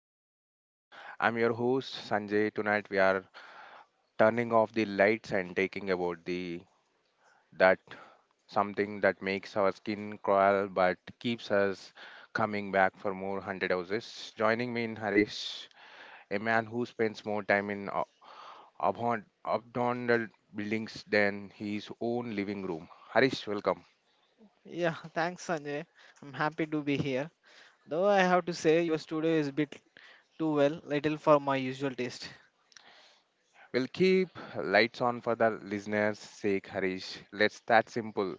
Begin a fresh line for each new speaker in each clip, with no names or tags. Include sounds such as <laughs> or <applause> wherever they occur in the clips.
Corridor. I'm your host Sanjay. Tonight we are turning off the lights and taking about the that something that makes our skin crawl but keeps us coming back for more hundred houses. Joining me in Harish, a man who spends more time in a- abhorrent abnormal buildings than his own living room. Harish, welcome.
Yeah, <laughs> thanks, Sanjay. I'm happy to be here. Though I have to say, your studio is a bit too well, little for my usual taste.
We'll keep lights on for the listeners' sake, Harish. Let's that simple.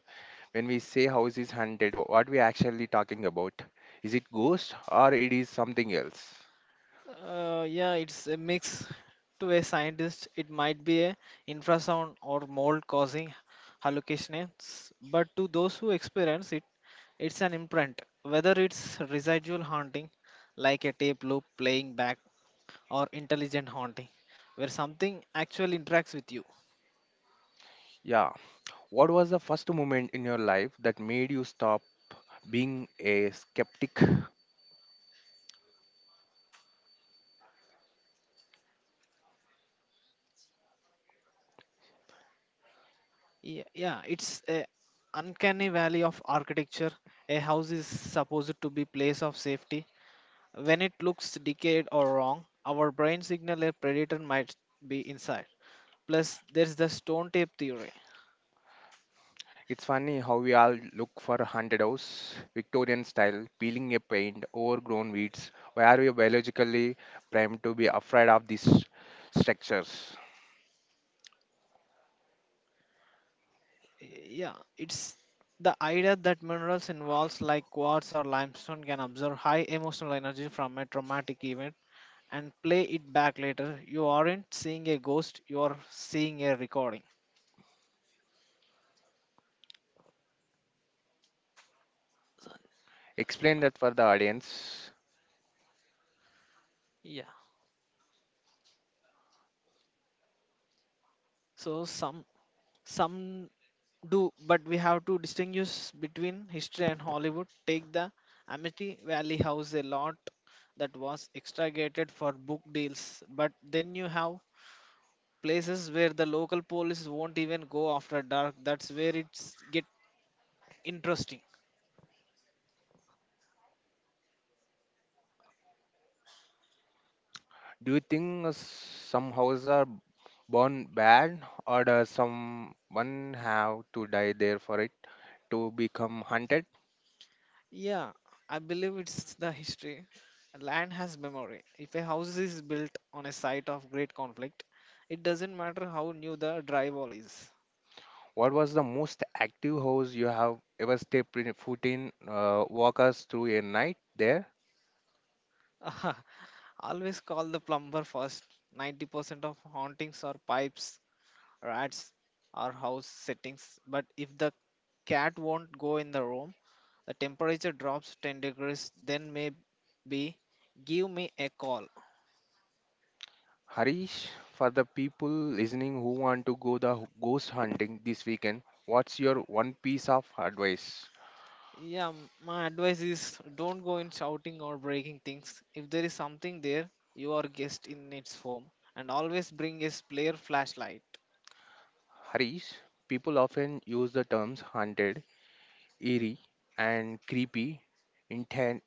When we say house is haunted, what we actually talking about, is it ghost or it is something else?
Yeah, it's a mix. To a scientist, it might be a infrasound or mold causing hallucinations, but to those who experience it, it's an imprint. Whether it's residual haunting, like a tape loop playing back, or intelligent haunting, where something actually interacts with you.
Yeah, what was the first moment in your life that made you stop being a skeptic?
Yeah, it's a uncanny valley of architecture. A house is supposed to be place of safety. When it looks decayed or wrong, our brain signal a predator might be inside. Plus, there's the stone tape theory.
It's funny how we all look for a haunted house, victorian style, peeling a paint, overgrown weeds, where we are biologically primed to be afraid of these structures.
Yeah, it's the idea that minerals involved like quartz or limestone can absorb high emotional energy from a traumatic event and play it back later. You aren't seeing a ghost, you're seeing a recording.
Explain that for the audience.
Yeah. So some Some do, but we have to distinguish between history and Hollywood. Take the Amity Valley House, a lot that was extragated for book deals, but then you have places where the local police won't even go after dark. That's where it's get interesting.
Do you think some houses are born bad, or does someone have to die there for it to become haunted?
Yeah, I believe it's the history. Land has memory. If a house is built on a site of great conflict, it doesn't matter how new the drywall is.
What was the most active house you have ever stepped in, foot in? Walk us through a night there,
<laughs> Always call the plumber first. 90% of hauntings are pipes, rats, or house settings. But if the cat won't go in the room, the temperature drops 10 degrees, then maybe give me a call.
Harish. For the people listening who want to go the ghost hunting this weekend, what's your one piece of advice,
Yeah, my advice is don't go in shouting or breaking things. If there is something there, you are guest in its home. And always bring a spare flashlight.
Harish? People often use the terms haunted, eerie, and creepy inten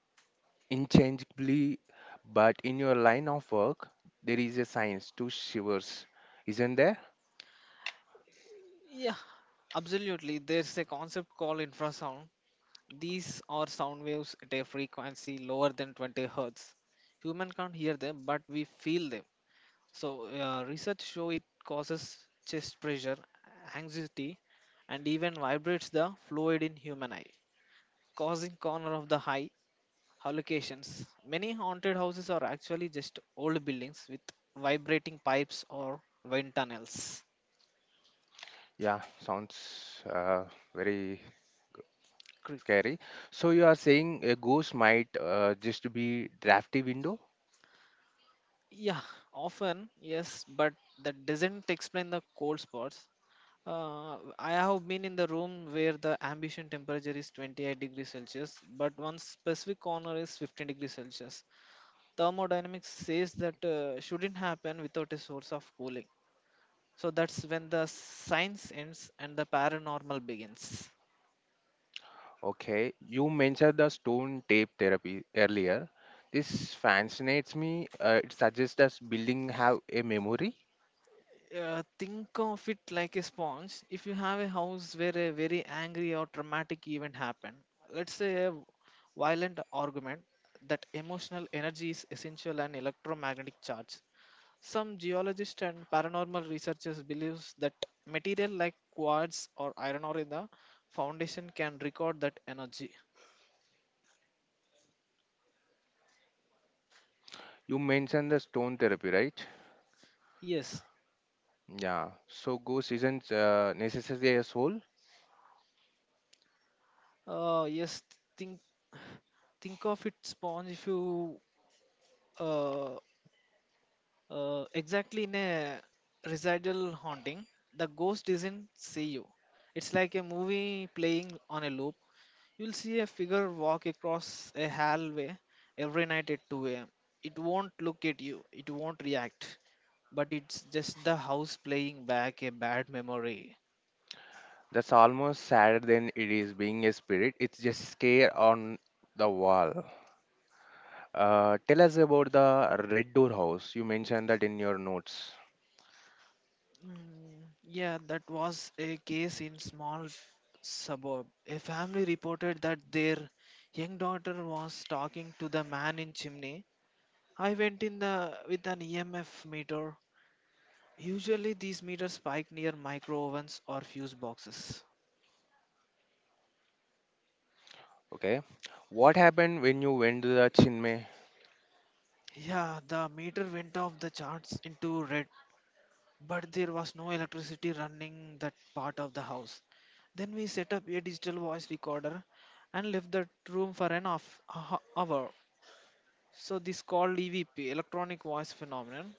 interchangeably, but in your line of work, there is a science to shivers, isn't there?
Yeah, absolutely. There's a concept called infrasound. These are sound waves at a frequency lower than 20 hertz. Human can't hear them, but we feel them. So research show it causes chest pressure, anxiety, and even vibrates the fluid in human eye, causing corner of the eye hallucinations. Many haunted houses are actually just old buildings with vibrating pipes or wind tunnels.
Yeah, sounds very
Cre-
scary. So you are saying a ghost might just be drafty window?
Yeah, often yes, but that doesn't explain the cold spots. I have been in the room where the ambient temperature is 28 degrees Celsius, but one specific corner is 15 degrees Celsius. Thermodynamics says that shouldn't happen without a source of cooling. So that's when the science ends and the paranormal begins.
Okay, you mentioned the stone tape therapy earlier. This fascinates me. It suggests that building have a memory.
Think of it like a sponge. If you have a house where a very angry or traumatic event happened, let's say a violent argument, that emotional energy is essential and electromagnetic charge. Some geologists and paranormal researchers believe that material like quartz or iron ore in the foundation can record that energy.
You mentioned the stone therapy, right?
Yes,
Yeah. So ghost isn't necessarily a soul.
yes. Think, think of it, sponge. If you uh, exactly in a residual haunting, the ghost doesn't see you. It's like a movie playing on a loop. You'll see a figure walk across a hallway every night at 2 a.m. It won't look at you, it won't react, but it's just the house playing back a bad memory.
That's almost sadder than it is being a spirit. It's just scare on the wall. Tell us about the Red Door House. You mentioned that in your notes.
Mm, yeah, that was a case in small suburb. A family reported that their young daughter was talking to the man in chimney. I went in the with an EMF meter. Usually these meters spike near micro ovens or fuse boxes.
Okay. What happened when you went to the Chinmay?
Yeah, the meter went off the charts into red, but there was no electricity running that part of the house. Then we set up a digital voice recorder and left that room for an off, hour. So this called EVP, electronic voice phenomenon.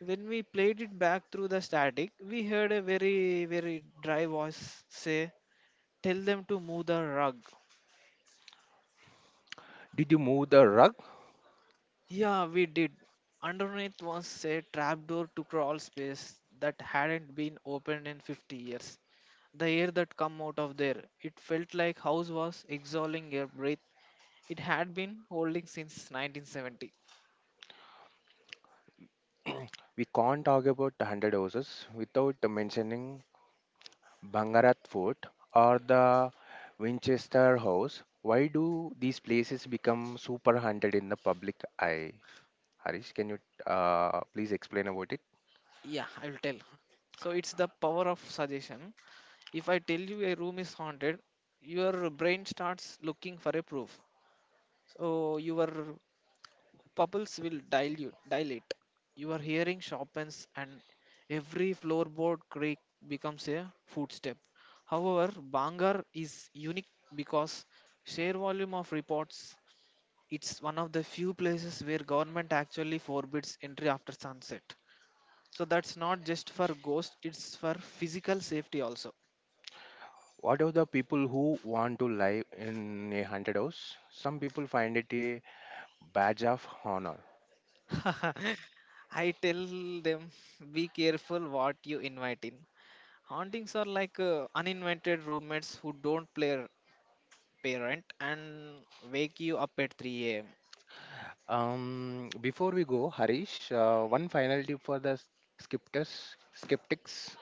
When we played it back through the static, we heard a very, very dry voice say, "Tell them to move the rug."
Did you move the rug?
Yeah, we did. Underneath was a trapdoor to crawl space that hadn't been opened in 50 years. The air that come out of there, it felt like house was exhaling air breath it had been holding since 1970.
We can't talk about the 100 houses without mentioning Bangarat Fort or the Winchester House. Why do these places become super haunted in the public eye? Harish, can you please explain about it?
Yeah, I will tell. So it's the power of suggestion. If I tell you a room is haunted, your brain starts looking for a proof. So your bubbles will dilute, dilate. Your hearing sharpens and every floorboard creak becomes a footstep. However, Bangar is unique because sheer volume of reports. It's one of the few places where government actually forbids entry after sunset. So that's not just for ghosts, it's for physical safety also.
What are the people who want to live in a haunted house? Some people find it a badge of honor.
<laughs> I tell them be careful what you invite in. Hauntings are like uninvited roommates who don't play parent and wake you up at 3 a.m.
Before we go, Harish, one final tip for the skeptics.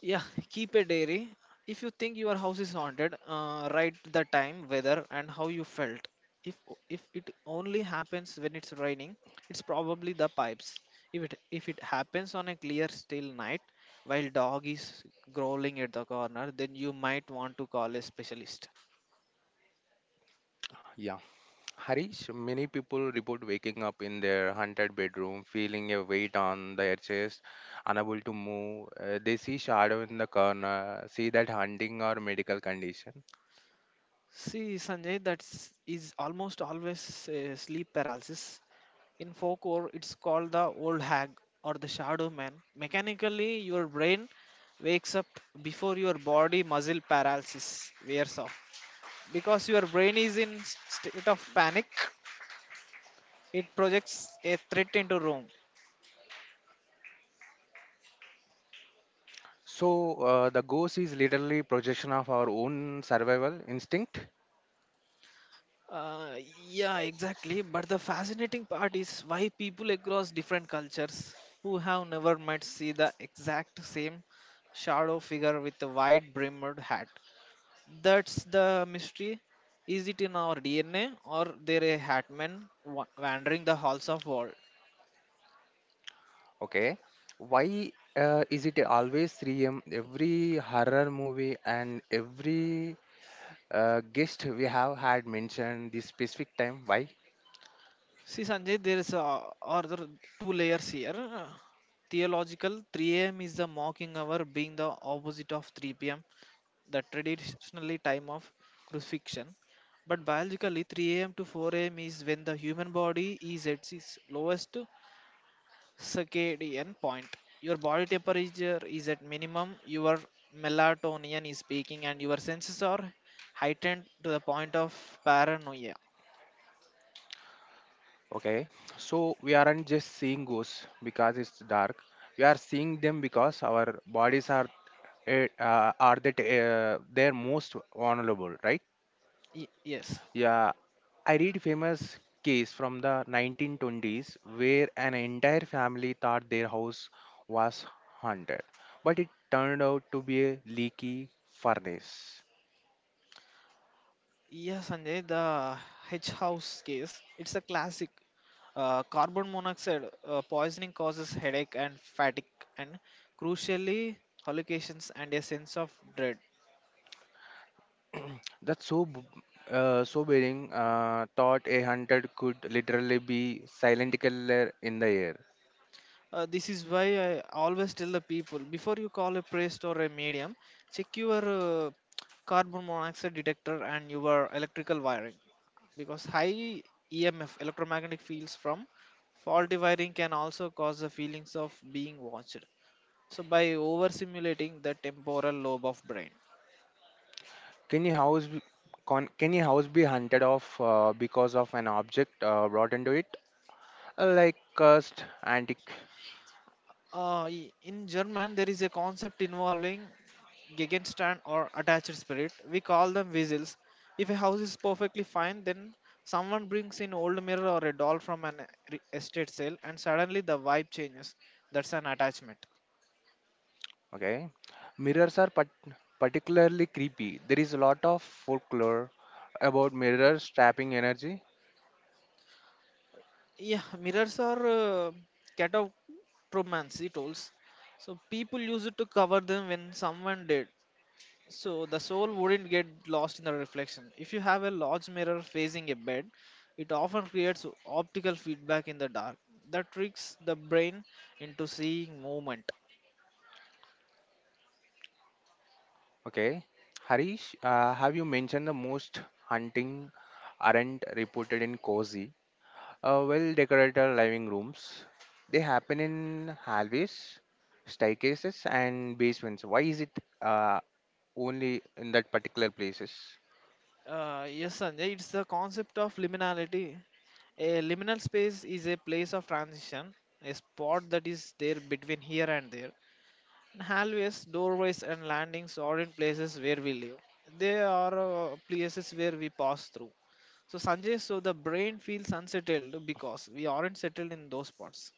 Yeah, <laughs> keep a diary. If you think your house is haunted, write the time, weather, and how you felt. If if it only happens when it's raining, it's probably the pipes. If it happens on a clear, still night, while dog is growling at the corner, then you might want to call a specialist.
Yeah, Harish. Many people report waking up in their haunted bedroom, feeling a weight on their chest, unable to move. They see shadow in the corner, see that hunting or medical condition.
See, Sanjay, that is almost always sleep paralysis. In folklore, it's called the old hag or the shadow man. Mechanically, your brain wakes up before your body muscle paralysis wears off. Because your brain is in state of panic, it projects a threat into room.
So the ghost is literally projection of our own survival instinct.
Uh, yeah, exactly. But the fascinating part is why people across different cultures who have never met see the exact same shadow figure with a wide brimmed hat. That's the mystery. Is it in our DNA or there a hat man wandering the halls of world?
Okay. Why is it always 3 a.m. every horror movie and every guest we have had mentioned this specific time? Why?
See, Sanjay, there is a, other two layers here. Theological 3 a.m. is the mocking hour being the opposite of 3 p.m the traditionally time of crucifixion. But biologically, 3 a.m. to 4 a.m. is when the human body is at its lowest circadian point. Your body temperature is at minimum, your melatonin is peaking, and your senses are heightened to the point of paranoia.
Okay. So we aren't just seeing ghosts because it's dark. We are seeing them because our bodies are eh, are that they're most vulnerable, right?
Yes.
Yeah, I read famous case from the 1920s where an entire family thought their house was haunted, but it turned out to be a leaky furnace.
Yeah, Sanjay, the hedge house case, it's a classic. Carbon monoxide poisoning causes headache and fatigue, and crucially, hallucinations and a sense of dread.
That's so b- Sobering. Thought a haunted could literally be silent killer in the air.
This is why I always tell the people before you call a priest or a medium, check your uh, carbon monoxide detector and your electrical wiring because high EMF electromagnetic fields from faulty wiring can also cause the feelings of being watched. So by overstimulating the temporal lobe of brain.
Can your house be, can your house be hunted off because of an object brought into it, like cursed antique?
In German, there is a concept involving Gegenstand or attached spirit. We call them weasels. If a house is perfectly fine, then someone brings in old mirror or a doll from an estate sale, and suddenly the vibe changes. That's an attachment.
Okay. Mirrors are particularly creepy. There is a lot of folklore about mirrors trapping energy.
Yeah, mirrors are catatomancy tools. So people use it to cover them when someone dead. So the soul wouldn't get lost in the reflection. If you have a large mirror facing a bed, it often creates optical feedback in the dark that tricks the brain into seeing movement.
Okay. Harish, have you mentioned the most hunting aren't reported in cozy, well decorated living rooms? They happen in hallways, staircases, and basements. Why is it uh, only in that particular places?
Yes, Sanjay, it's the concept of liminality. A liminal space is a place of transition, a spot that is there between here and there. Hallways, doorways, and landings are in places where we live. They are places where we pass through. So, Sanjay, so the brain feels unsettled because we aren't settled in those spots.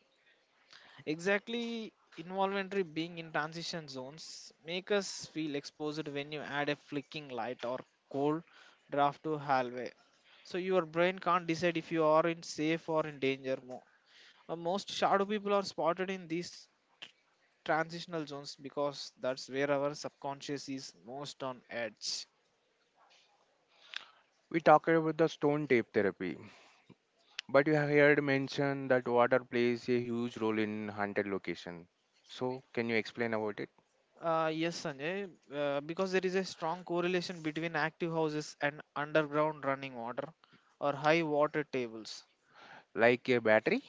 Exactly, involuntary being in transition zones make us feel exposed when you add a flicking light or cold draft to hallway. So your brain can't decide if you are in safe or in danger mode. Most shadow people are spotted in these transitional zones because that's where our subconscious is most on edge.
We talked about the stone tape therapy. But you have heard mention that water plays a huge role in haunted location. So can you explain about it?
Yes, Sanjay, because there is a strong correlation between active houses and underground running water or high water tables.
Like a battery?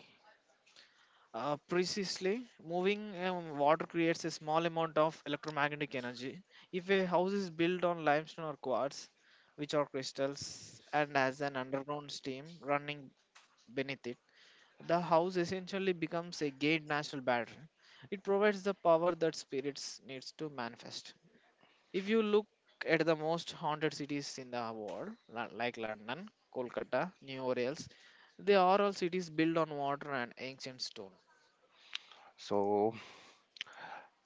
Precisely, moving water creates a small amount of electromagnetic energy. If a house is built on limestone or quartz, which are crystals, and has an underground stream running beneath it, the house essentially becomes a gate national battery. It provides the power that spirits needs to manifest. If you look at the most haunted cities in the world, like London, Kolkata, New Orleans, they are all cities built on water and ancient stone.
So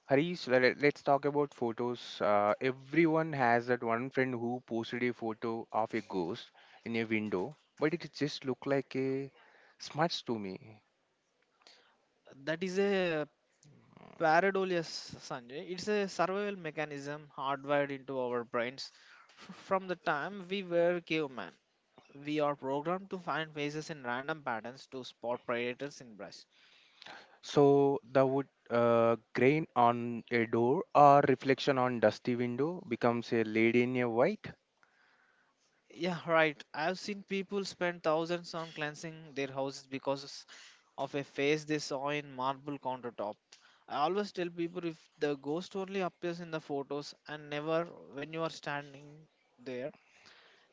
Harish, let's talk about photos. Everyone has that one friend who posted a photo of a ghost in a window, but it just looked like a smudge to me.
That is a pareidolia, Sanjay. It's a survival mechanism hardwired into our brains. From the time we were cavemen, we are programmed to find faces in random patterns to spot predators in brush.
So the wood grain on a door or reflection on dusty window becomes a lady in a white.
Yeah, right. I've seen people spend thousands on cleansing their houses because of a face they saw in marble countertop. I always tell people if the ghost only appears in the photos and never when you are standing there,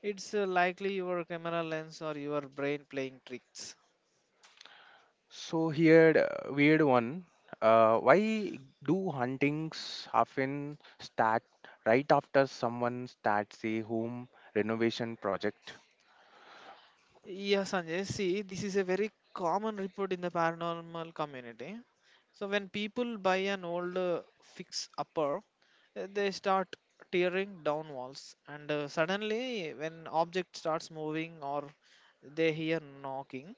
it's likely your camera lens or your brain playing tricks.
So here, the weird one. Why do huntings often start right after someone starts a home renovation project?
Yeah, Sanjay. See, this is a very common report in the paranormal community. So when people buy an old fix-upper, they start tearing down walls, and suddenly, when object starts moving or they hear knocking,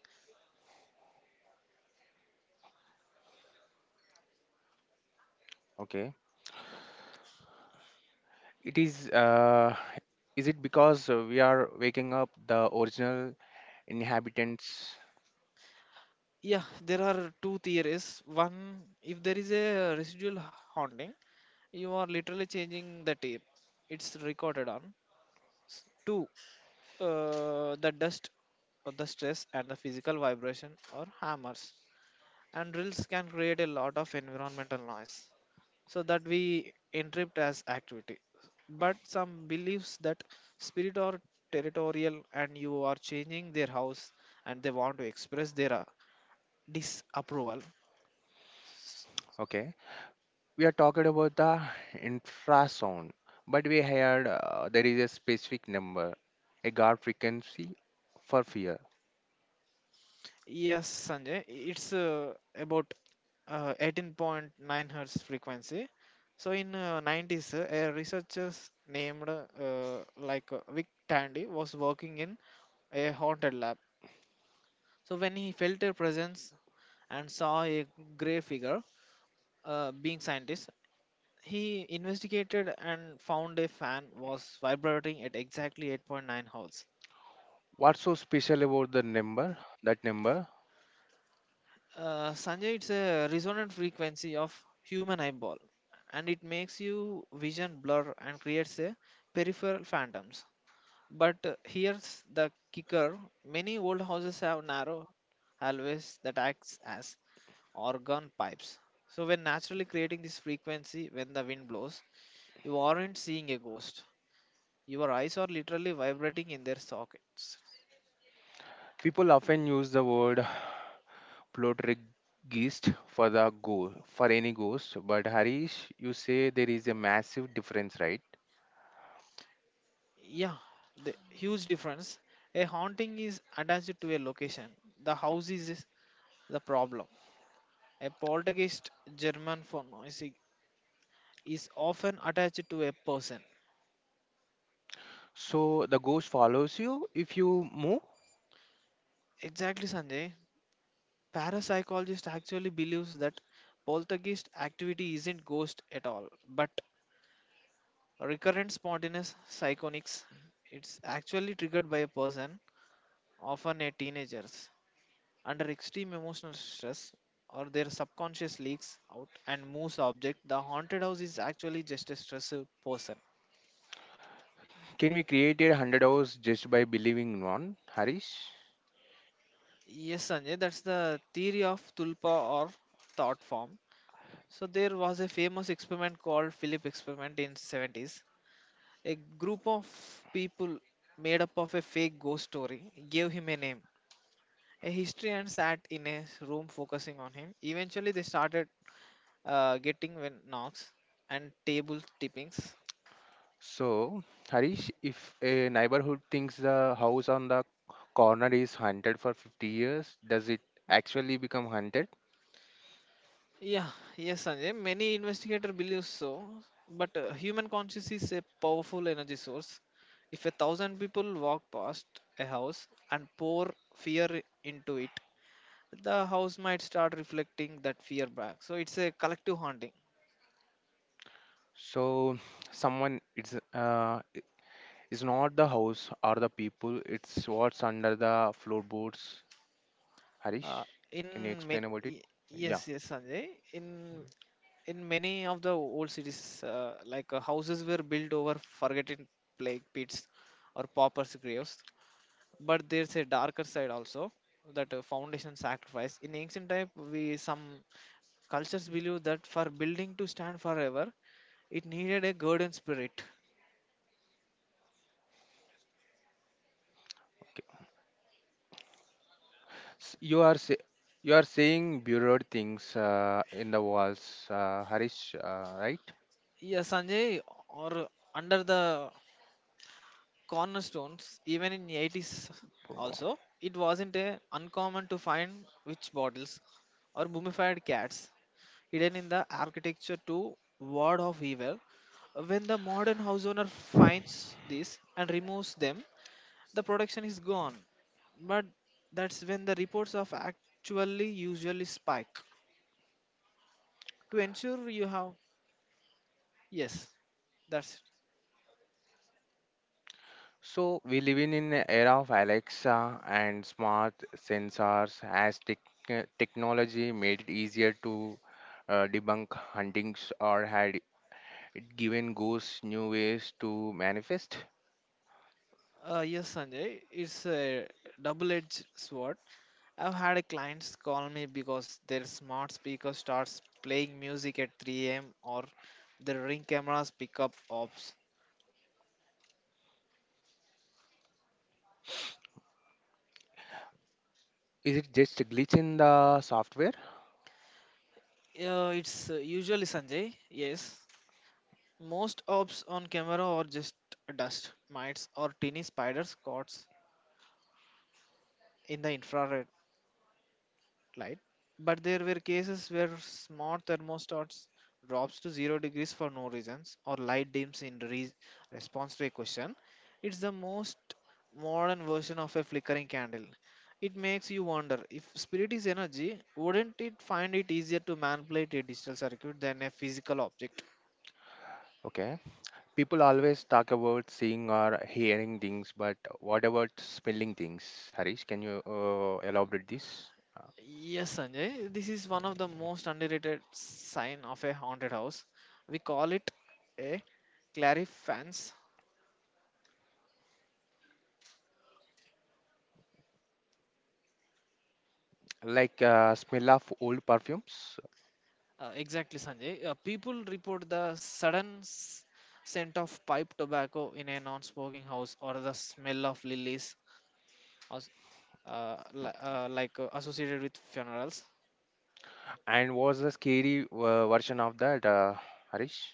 Okay, it is. Is it because we are waking up the original inhabitants?
yeah, there are two theories. One, if there is a residual haunting, you are literally changing the tape it's recorded on. Two, the dust, the stress, and the physical vibration or hammers. And drills can create a lot of environmental noise, so that we interpret as activity. But some believes that spirit are territorial, and you are changing their house, and they want to express their disapproval.
Okay, we are talking about the infrasound, but we heard there is a specific number, a guard frequency for fear.
Yes, Sanjay, it's about 18.9 hertz frequency. So in 90s, a researcher named Vic Tandy was working in a haunted lab. So when he felt a presence and saw a grey figure, being scientist, he investigated and found a fan was vibrating at exactly 8.9 hertz.
What's so special about the number? That number?
Sanjay, it's a resonant frequency of human eyeball, and it makes you vision blur and creates a peripheral phantoms. But here's the kicker, many old houses have narrow always that acts as organ pipes. So, when naturally creating this frequency when the wind blows, you aren't seeing a ghost. Your eyes are literally vibrating in their sockets.
People often use the word poltergeist for the go for any ghost, but Harish, you say there is a massive difference, right?
Yeah, the huge difference. A haunting is attached to a location, the house is the problem. A poltergeist, German for noisy, is often attached to a person.
So the ghost follows you if you move.
Exactly, Sanjay. Parapsychologist actually believes that poltergeist activity isn't ghost at all, but recurrent spontaneous psychonics. It's actually triggered by a person, often a teenagers, under extreme emotional stress or their subconscious leaks out and moves object. The haunted house is actually just a stressed person.
Can we create a hundred hours just by believing in one, Harish?
Yes, Sanjay, that's the theory of tulpa or thought form. So there was a famous experiment called Philip experiment in 70s. A group of people made up of a fake ghost story, gave him a name, a history, and sat in a room focusing on him. Eventually, they started getting when knocks and table tippings.
So Harish, if a neighborhood thinks the house on the corner is haunted for 50 years, does it actually become haunted?
Yeah, yes, Sanjay. Many investigators believe so, but human conscience is a powerful energy source. If 1,000 people walk past a house and pour fear into it, the house might start reflecting that fear back. So it's a collective haunting.
So someone it's not the house or the people, it's what's under the floorboards. Harish,
Uh, in
can you explain
ma-
about it?
y- yes,
Yeah,
yes, Sanjay. In many of the old cities, houses were built over forgotten plague pits or paupers' graves. But there's a darker side also, that foundation sacrifice. In ancient time, we some cultures believe that for building to stand forever, it needed a guardian spirit.
okay. You are say, you are saying buried things in the walls, Harish, right?
Yes, Sanjay, or under the cornerstones even in 80s also, it wasn't a uncommon to find witch bottles or mummified cats hidden in the architecture to ward off evil when the modern house owner finds these and removes them, the production is gone, but that's when the reports of actually usually spike to ensure you have, yes, that's it.
So we live in an era of Alexa and smart sensors as technology made it easier to debunk huntings or had it given ghosts new ways to manifest?
Yes, Sanjay, it's a double edged sword. I've had a clients call me because their smart speaker starts playing music at 3 a.m. or the ring cameras pick up ops.
Is it just a glitch in the software?
Yeah, it's usually, Sanjay. Yes, most ops on camera are just dust, mites, or teeny spiders caught in the infrared light, but there were cases where smart thermostats drops to 0 degrees for no reasons or light dims in response to a question. It's the most modern version of a flickering candle. It makes you wonder if spirit is energy, wouldn't it find it easier to manipulate a digital circuit than a physical object?
Okay. People always talk about seeing or hearing things, but what about smelling things? Harish, can you elaborate this?
Yes, Sanjay, this is one of the most underrated sign of a haunted house. We call it a clarifance.
Like smell of old perfumes,
Exactly, Sanjay. People report the sudden scent of pipe tobacco in a non-smoking house or the smell of lilies, as, li- like associated with funerals.
and was the scary version of that, Harish?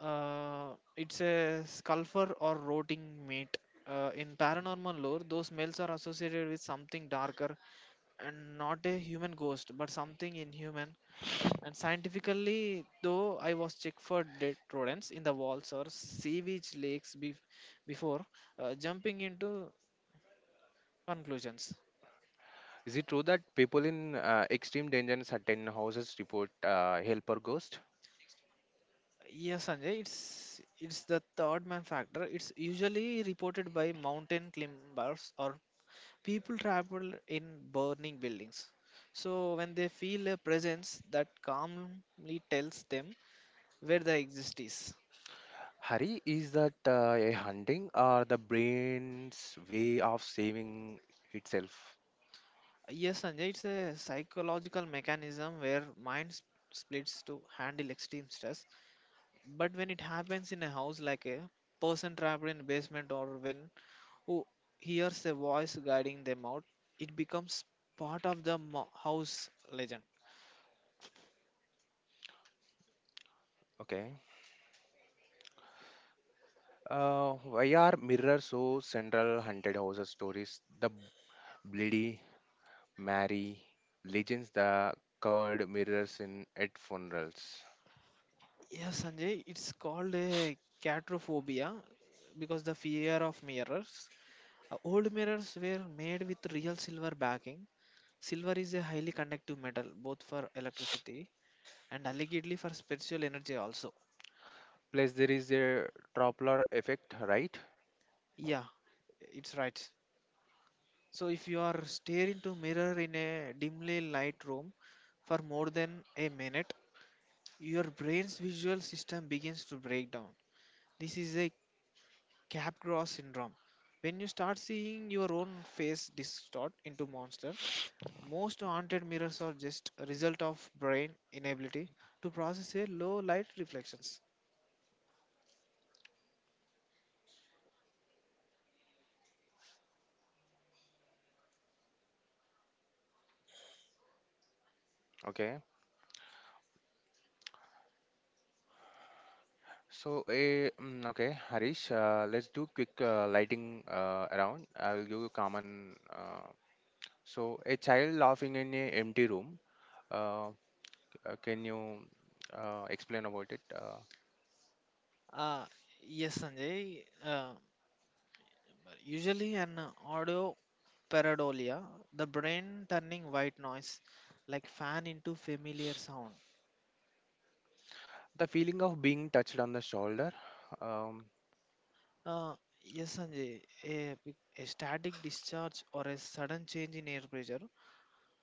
It's a sulfur or rotting meat. In paranormal lore, those smells are associated with something darker and not a human ghost, but something inhuman. And scientifically, though, I was checked for dead rodents in the walls or sewage lakes before jumping into conclusions.
Is it true that people in extreme danger in certain houses report help or ghost?
Yes, Sanjay, it's the third man factor. It's usually reported by mountain climbers or people travel in burning buildings. So when they feel a presence that calmly tells them where the exist is.
Hari, is that a hunting or the brain's way of saving itself?
Yes, Sanjay, it's a psychological mechanism where splits to handle extreme stress. But when it happens in a house, like a person trapped in a basement or when who hears a voice guiding them out, it becomes part of the house legend.
Okay. Why are mirrors so central haunted houses stories? The Bloody Mary legends, the covered mirrors in at funerals.
Yes, Sanjay, it's called a catrophobia, because the fear of mirrors. Old mirrors were made with real silver backing. Silver is a highly conductive metal, both for electricity and allegedly for spiritual energy also.
Plus, there is a Doppler effect, right?
Yeah, it's right. So if you are staring to mirror in a dimly light room for more than a minute, your brain's visual system begins to break down. This is a Capgras syndrome. When you start seeing your own face distort into monster, most haunted mirrors are just a result of brain inability to process a low light reflections.
Okay. So, okay, Harish, let's do quick lighting around. I will give you common. So, a child laughing in a empty room. Uh, can you explain about it?
Uh, yes, Sanjay. Usually, an audio pareidolia, the brain turning white noise like fan into familiar sound.
The feeling of being touched on the shoulder. Um,
Uh, yes, Sanjay, a static discharge or a sudden change in air pressure,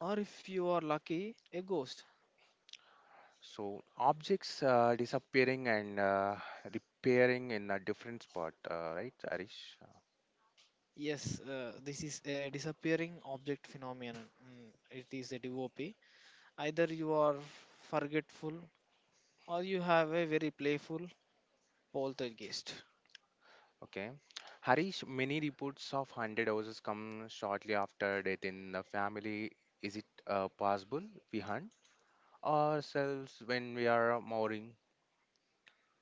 or if you are lucky, a ghost.
So objects disappearing and repairing in a different spot, right, Harish?
Yes, this is a disappearing object phenomenon. Mm, it is a DOP. Either you are forgetful or you have a very playful poltergeist.
Okay. Harish, many reports of haunted houses come shortly after death in the family. Is it possible we hunt ourselves when we are mooring?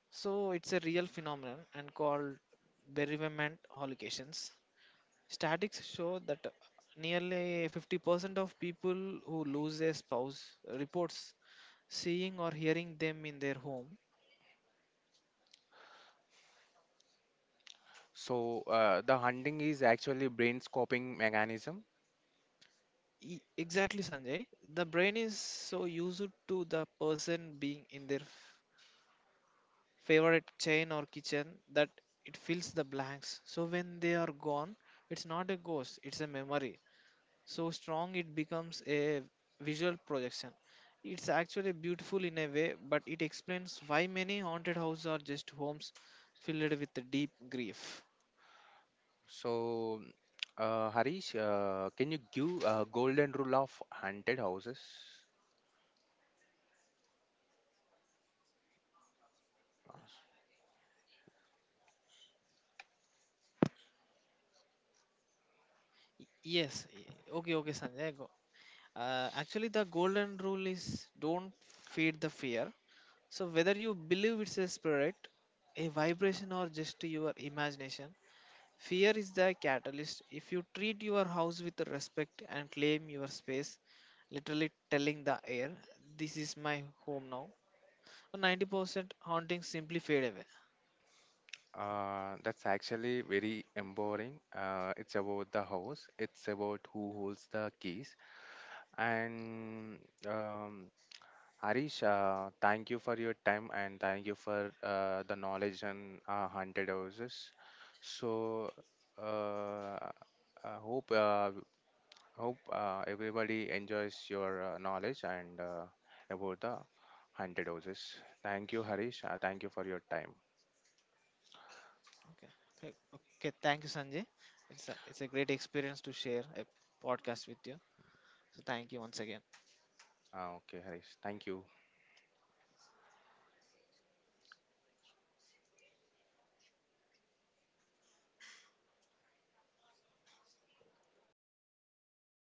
So it's a real phenomenon and called bereavement hallucinations. Statics show that nearly 50% of people who lose their spouse reports seeing or hearing them in their home.
So the hunting is actually brain scoping mechanism.
Exactly, Sanjay. The brain is so used to the person being in their favorite chain or kitchen, that it fills the blanks. So when they are gone, it's not a ghost, it's a memory. So strong it becomes a visual projection. It's actually beautiful in a way, but it explains why many haunted houses are just homes filled with the deep grief.
So Harish, can you give a golden rule of haunted houses?
Y- Yes, y- okay, okay, Sanjay. Go. Actually, the golden rule is don't feed the fear. So, whether you believe it's a spirit, a vibration, or just your imagination, fear is the catalyst. If you treat your house with respect and claim your space, literally telling the air, this is my home now, 90% hauntings simply fade away.
That's actually very empowering. It's about the house. It's about who holds the keys. And um, Harish, thank you for your time and thank you for the knowledge and haunted houses. So uh, I hope everybody enjoys your knowledge and about the haunted houses. Thank you, Harish. Thank you for your time.
Okay. Okay. Okay. Thank you, Sanjay. It's a great experience to share a podcast with you. So, thank you once again.
Okay, Harish. Thank you.